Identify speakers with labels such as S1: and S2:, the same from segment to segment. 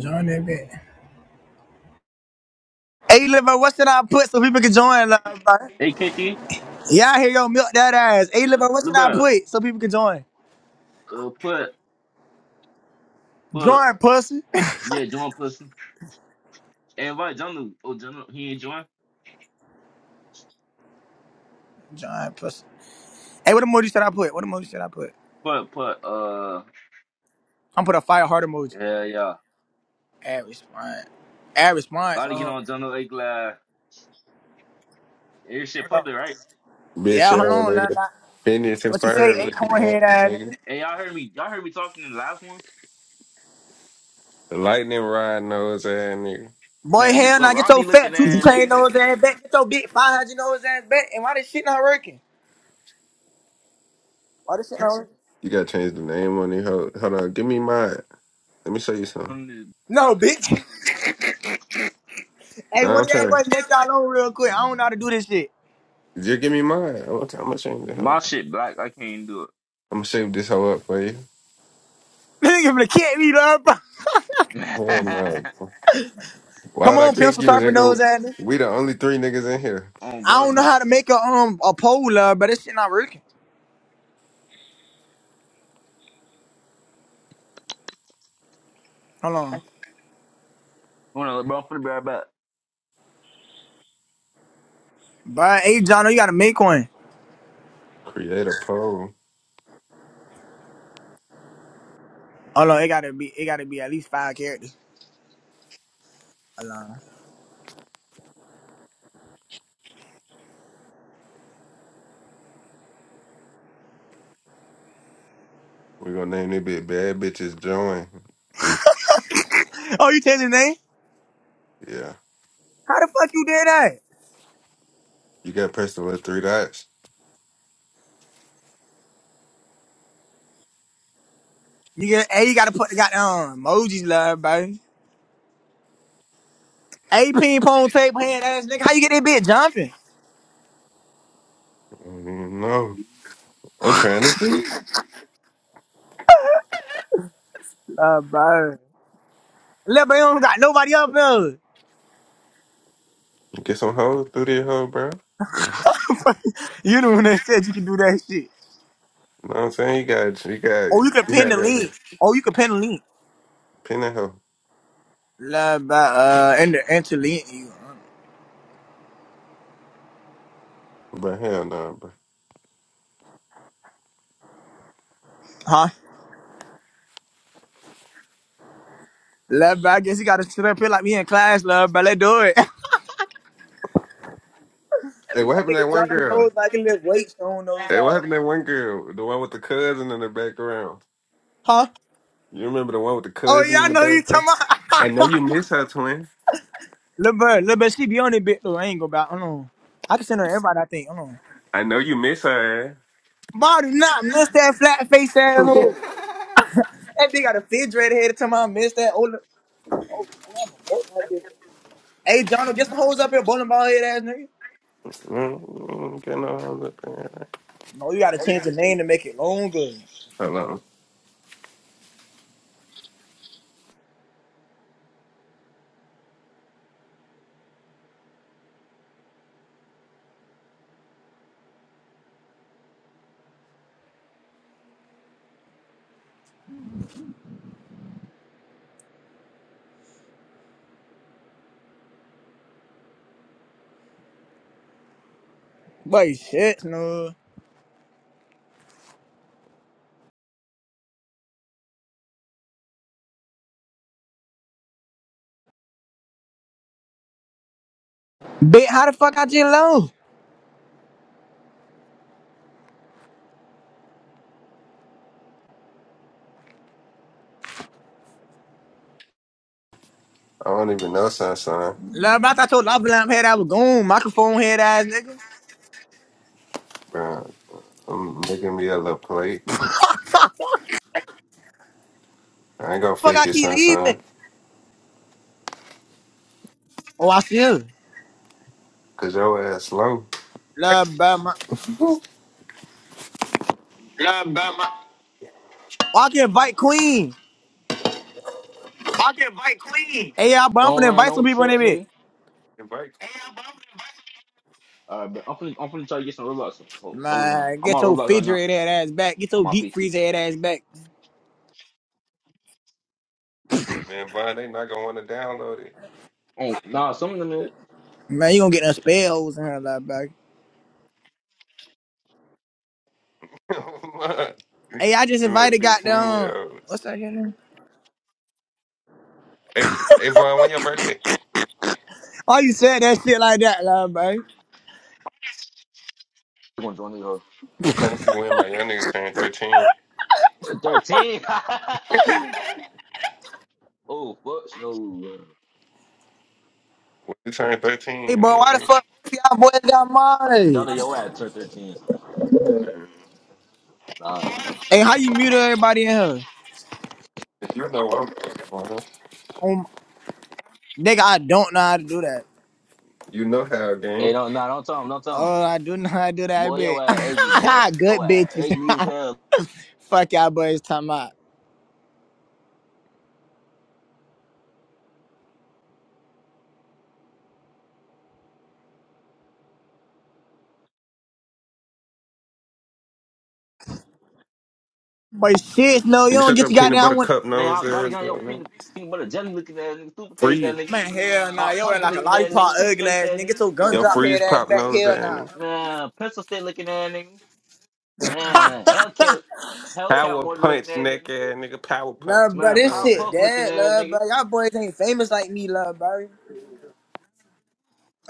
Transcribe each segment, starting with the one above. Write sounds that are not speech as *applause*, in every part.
S1: Join that bit. Hey, Liver, what should I put so people can join? Like,
S2: Hey, Kenty,
S1: y'all hear yo milk that ass. Hey, Liver, what should
S2: look,
S1: I
S2: bro,
S1: put so people can join?
S2: uh, put, put,
S1: Join, pussy.
S2: yeah, join pussy. Hey, invite Junu. Oh, Junu, he ain't join.
S1: Join pussy. Hey, what emoji should I put? What emoji should I put?
S2: Put, put, uh,
S1: I'm put a fire heart emoji.
S2: yeah, yeah.
S1: Add response. Add response.
S2: Gotta get
S1: Oh,
S2: on Junu A Glad. Hey, this shit public, right?
S3: Bitch
S1: yeah, hold
S3: ass
S1: on. Nah,
S3: nigga.
S1: nah.
S3: Phineas and
S1: What you say,
S3: Ferb
S2: Hey,
S3: looking
S1: acorn head
S3: at
S1: ass
S3: nigga.
S1: nigga?
S2: hey, y'all heard me, y'all heard me talking in the last one?
S3: The lightning rod nose ass nigga.
S1: Boy,
S2: Man,
S1: hell
S2: look,
S1: nah, get your
S2: Rodney
S1: fat
S2: looking
S1: tutu
S2: at that
S1: chain
S2: nigga.
S1: nose ass back. Get your big 500 nose ass back. And why this shit not working? Why this shit not working?
S3: You gotta change the name on it. Hold, hold on, give me mine. Let me show you something.
S2: Um,
S1: No, bitch. *laughs* hey,
S3: No,
S1: one
S3: I'm
S1: of y'all
S3: trying.
S1: boys make y'all own real quick. I don't know how to do this shit.
S3: Just give me mine. I'm, gonna- I'm gonna change the
S2: My
S3: hoe.
S2: shit black, I can't do
S3: I'm gonna shape this hoe up for you.
S1: *laughs* Nigga finna kick me, dog.
S2: it.
S3: Hell no.
S2: *laughs*
S3: Why
S1: Come
S3: would I
S1: on,
S3: kick
S1: pencil
S3: you,
S1: sharpen nose
S3: nigga?
S1: at me.
S3: We the only three niggas in here.
S2: oh,
S1: I don't know
S2: bro.
S1: how to make a um a pole, uh, but this shit not working. Hold on.
S2: Hold on, bro, I'm finna be right back.
S1: But hey, John, you gotta make one.
S3: Create a poll.
S1: Hold on, it gotta be it gotta be at least five characters. Hold on.
S3: We gonna name it bit bad bitches join.
S1: Oh, you changed the name?
S3: Yeah.
S1: How the fuck you did that?
S3: You gotta press the little three dots.
S1: You get hey, you gotta put the goddamn emojis, love, bro. Hey, ping pong tape hand ass nigga. How you get that bitch jumping?
S3: I don't even know. I'm trying to see.
S1: Love, bro. Love, bro, you don't got nobody up there.
S3: Get some hoes through this hoe, bro. You know
S1: *laughs* you the one that said you can do that shit.
S3: what I'm saying? You got, you got,
S1: Oh, you can
S3: you
S1: pin the
S3: had every
S1: lead. Oh, you can pin the lead.
S3: pin and hoe.
S1: Love by uh and the Angelina, you
S3: But hell no, bro.
S1: huh? Love by I guess he gotta sit up here like me in class, love but let's do it. *laughs* that
S3: Hey, what happened to that
S1: nigga John
S3: one
S1: don't
S3: girl?
S1: knows like he lift weights on those
S3: Hey, what
S1: ass.
S3: happened to that one girl? The one with the cousin in the background.
S1: Huh?
S3: You remember the one with the
S1: Oh yeah,
S3: cousin
S1: I
S3: in the
S1: know you
S3: background?
S1: talking
S3: I know
S1: about *laughs*
S3: you miss her, twin.
S1: Lil Bird, Lil Bird, she be on it bit though. I ain't go back. Hold on. I can send her everybody I think. Hold on.
S3: I know you miss her.
S1: But do not miss that flat face asshole. That bitch got a fidget red head time I miss that. Oh, look. oh shit, I'm gonna broke that bitch. Hey John, get some hoes up here, bowling ball head ass nigga.
S3: ass. Mm, mm, Get no hoes up in here.
S1: No, you gotta change the name to make it longer.
S3: Hold on.
S1: Boy, shit, no. Bitch, how the fuck I just low?
S3: I don't even know Sunshine,
S1: Love, I told your lava lamp head I was gone. Microphone head ass nigga.
S3: bro. I'm making me a little plate. I ain't gonna
S1: Fuck,
S3: fake
S1: I
S3: it,
S1: keep leaving.
S3: Sunshine,
S1: Oh, I see her.
S3: cause your ass slow.
S1: Love, bro, my. Oh, I can invite Queen. Hey, y'all, but I'm
S2: Don't
S1: finna
S2: run
S1: invite some
S2: no
S1: people in
S2: trip,
S1: there, bitch.
S2: nigga.
S3: Invite.
S2: All right, but I'm finna, I'm finna try to get some Roblox. Hold, hold on.
S1: Man,
S2: I'm
S1: get
S2: on
S1: your
S2: Roblox right now
S1: refrigerator head ass back. Get
S2: on
S1: your
S2: my
S1: deep
S2: PC.
S1: freezer head ass back.
S3: Man, Vaughn, they not gonna want to download it.
S2: Ain't nah, some of them is.
S1: Man, you gonna get them spell holes in her love, back.
S3: *laughs*
S1: Hey, I just
S3: you little
S1: invited
S3: fifteen year
S1: goddamn.
S3: olds.
S1: What's that shit name?
S3: Hey, hey, Vaughn, when your birthday?
S1: Oh, you said that shit like that, love, bro.
S2: They're gonna join the hoe.
S3: I'm trying to see when my young nigga turn thirteen.
S2: thirteen. *laughs* oh fuck no. uh,
S3: When you turn thirteen,
S1: Hey,
S3: you know
S1: bro, why
S3: what I
S1: the
S3: mean?
S1: fuck both y'all boys got
S2: Johnny
S1: mine?
S2: your ass turn thirteen. Nah.
S1: Hey, how you mute everybody in here?
S3: You know what I'm talking about, huh?
S1: Um, Nigga, I don't know how to do that.
S3: You know how,
S2: Hey
S3: gang.
S2: don't nah don't tell him, don't tell
S1: Oh, I do *laughs* know how to do
S2: him.
S1: that
S2: Boy, your
S1: bit. *laughs*
S2: ass ugly, boy. Your
S1: Good
S2: ass
S1: bitches.
S2: ugly as
S1: *laughs*
S2: hell.
S1: Fuck y'all boys talking about. But shit, no, you
S3: You
S1: don't
S3: shut
S1: get
S3: your
S1: your
S3: peanut
S1: goddamn
S3: butter
S1: one.
S3: cup
S2: Man,
S3: nose
S2: I gotta
S3: there. you
S2: get on
S3: know
S2: your
S3: what I mean?
S2: peanut peanut butter jelly looking ass nigga, stupid face ass
S3: Freeze.
S2: nigga.
S1: Man, Hell nah,
S2: Hot
S1: yo ain't
S2: pocket
S1: like a
S2: looking ass nigga,
S1: lollipop
S2: stupid
S1: ugly
S2: face
S1: ass
S2: ass
S1: nigga. Get
S2: nigga.
S1: your gun
S3: Your
S1: drop head
S3: freeze
S1: ass
S3: pop
S1: back.
S3: nose
S1: Hell
S3: ass.
S1: nah.
S3: nigga.
S1: *laughs*
S2: Man, pencil stick looking ass nigga.
S1: Ha!
S2: Man, Hellcat Hellcat
S3: Power
S2: motor looking
S3: punch
S2: ass
S3: neck
S2: nigga.
S3: ass nigga. Power punch
S1: Love, bro,
S2: Man,
S1: this
S3: nose ass.
S1: shit
S2: Powerpuff looking
S1: dead,
S2: ass
S1: love, bro.
S2: nigga.
S1: Y'all boys ain't famous like me, love, bro.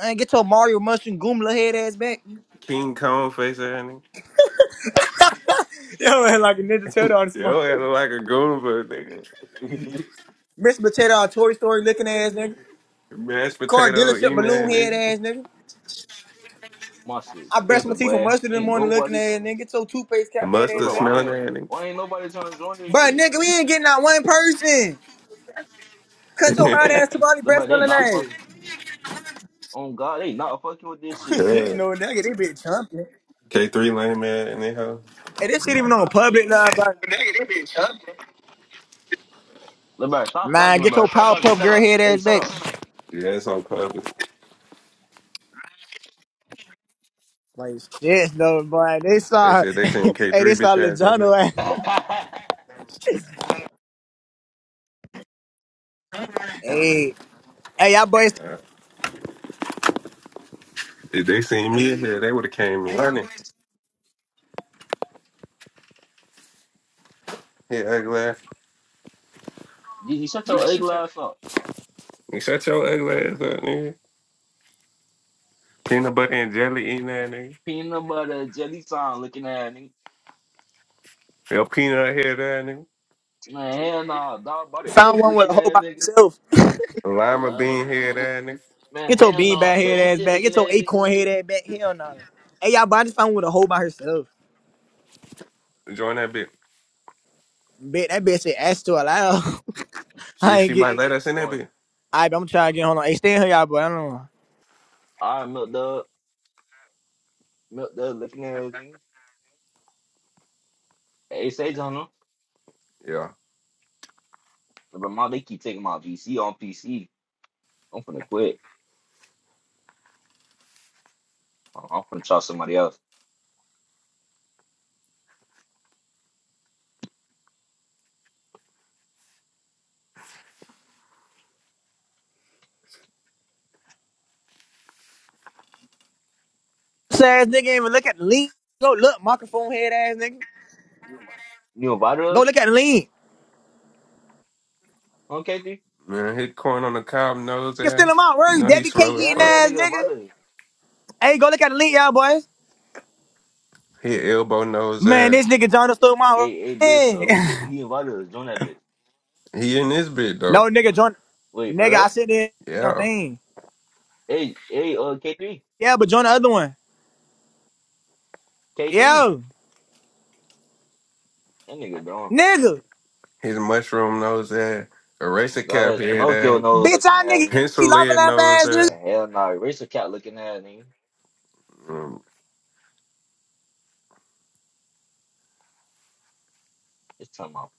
S1: Man, get your Mario Mushroom Goomba head ass back.
S3: King Kong face ass nigga.
S1: *laughs* Yo ain't like a Ninja Turtle on this smart.
S3: Yo, ass look like a goon, but nigga.
S1: Mr. Potato on Toy Story looking ass nigga.
S3: Mashed
S1: Car
S3: potato
S1: dealership
S3: eating
S1: balloon
S3: that
S1: head
S3: nigga.
S1: ass nigga.
S2: My shit
S1: I brush my
S2: dipping,
S1: teeth with
S2: boy.
S1: mustard in the
S2: Ain't
S1: morning looking
S2: nobody
S1: ass
S2: doing it.
S1: nigga. Get your toothpaste
S3: The
S1: cap head
S2: Look,
S1: ass
S3: mustard
S2: bro,
S1: back.
S2: why
S3: smelling
S2: ain't
S3: at
S2: why ain't nobody trying to join this
S1: But
S2: bitch?
S1: nigga, we ain't getting out one person. Cut
S3: it.
S1: your hot
S2: Ain't
S1: ass to
S3: *laughs*
S1: body
S2: look, bro,
S1: breast
S2: they
S1: smelling
S2: not fucking
S1: ass.
S2: on God. They not fucking with this shit.
S1: *laughs* Shit,
S3: Good.
S1: no nigga, they been jumping.
S3: K3 lame man in their house.
S1: Hey, this shit even on public now, but
S2: Look, bro, stop
S1: man,
S2: talking, look,
S1: get
S2: bro.
S1: your
S2: Stop talking.
S1: Powerpuff
S2: Shut
S1: Girl
S2: up.
S1: head
S2: Hey,
S1: ass
S2: shut
S1: back.
S2: up.
S3: Yeah, it's on public.
S1: Like shit, no boy. They
S3: They
S1: saw,
S3: said
S1: *laughs*
S3: they
S1: hey,
S3: seen K3
S1: they saw
S3: bitch ass in here.
S1: LeJono ass. Hey, hey, y'all boys
S3: Uh, if they seen me in here, they would have came running. Yeah, ugly ass.
S2: *laughs* you shut your egg ass up.
S3: You shut your ugly ass up, nigga. Peanut butter and jelly eating that nigga.
S2: Peanut butter jelly time looking at nigga.
S3: Your peanut head that nigga.
S2: Man, hell nah. Dog body
S1: found
S2: fish
S1: one with a
S2: looking
S1: hole
S2: at
S1: by
S2: nigga.
S1: herself.
S3: Lima bean head that nigga.
S2: Man,
S1: Get your
S2: hell nah.
S1: beanbag
S2: Pencil
S1: head ass
S2: stick
S1: back.
S2: looking
S1: Get your
S2: at nigga.
S1: acorn head ass back. Hell no. Hey, y'all, but I just found with a hoe by herself.
S3: Join that bitch.
S1: Bet that bitch said ass to allow. *laughs*
S3: She,
S1: I ain't
S3: she
S1: get.
S3: might let us in that
S2: Going,
S3: bitch.
S1: Alright, but I'm trying to get hold on. Hey, stay in here, y'all, but I don't know.
S2: all right, milk dub. Milk dub looking at nigga. Hey, Sage on them.
S3: Yeah.
S2: Look, bro, my, they keep taking my VC on PC. I'm finna quit. I'm finna try somebody else.
S1: This ass nigga ain't even look at the lean. Go look, microphone head ass nigga.
S2: You invited
S1: Go
S2: us
S1: look at the lean.
S2: on KT?
S3: Man, hit corn on the cob nose
S1: You still him
S3: ass.
S1: out.
S3: You
S1: Where you
S3: know he
S1: Debbie Cake
S3: slow as
S2: Yeah, I think
S1: eating
S3: fuck.
S2: that
S1: ass
S2: nigga
S1: nigga?
S2: invited us.
S1: Hey, go look at the lean, y'all boys.
S3: Hit elbow nose
S1: Man,
S3: ass.
S1: this nigga John stole my
S2: Hey, hey, bitch, uh,
S1: man.
S2: look at
S1: *laughs*
S2: he invited us. Join that bitch.
S3: He in this bit
S1: No
S3: though.
S1: nigga John.
S2: Wait for
S1: Nigga, I
S2: her.
S1: said that
S3: Yeah.
S1: thing.
S2: Hey, hey, uh, K three,
S1: Yeah, but join the other one.
S2: K three.
S1: Yo,
S2: That nigga gone.
S1: nigga.
S3: His mushroom nose ass,
S2: Oh,
S3: eraser
S2: God
S3: cap
S2: has
S3: head
S2: Pinocchio
S3: ass,
S2: nose
S1: Bitch,
S2: looking
S1: I
S2: at
S1: nigga
S2: him.
S1: be
S3: pencil
S1: laughing
S3: lead
S1: laugh
S3: nose
S1: ass nigga.
S3: ass.
S2: Man, hell no, nah. Eraser cat looking at him.
S3: Mm.
S2: It's talking about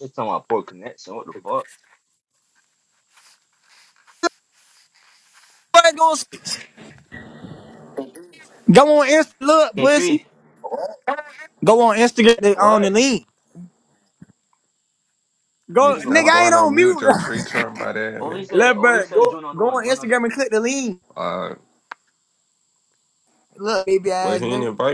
S2: it's talking about poor connection. What the fuck?
S1: What gonna s- go on Insta look,
S2: K three.
S1: pussy. Go on Instagram they on the
S2: What?
S1: link. Go
S3: Nigga,
S2: Nigga,
S1: nigga,
S3: stop
S1: I
S2: what?
S1: ain't
S3: going on
S1: on
S3: mute.
S1: mute.
S3: Your tree trunk by that
S2: Oh, he
S3: nigga.
S1: *laughs*
S2: said.
S1: Let
S2: Oh, he
S1: bro,
S2: said.
S1: go
S2: Join another
S1: go
S2: one.
S1: on
S2: Join another one.
S1: Instagram and click the link.
S3: Uh,
S1: Look, baby
S3: well,
S1: ass
S3: he
S1: nigga.
S3: ain't invite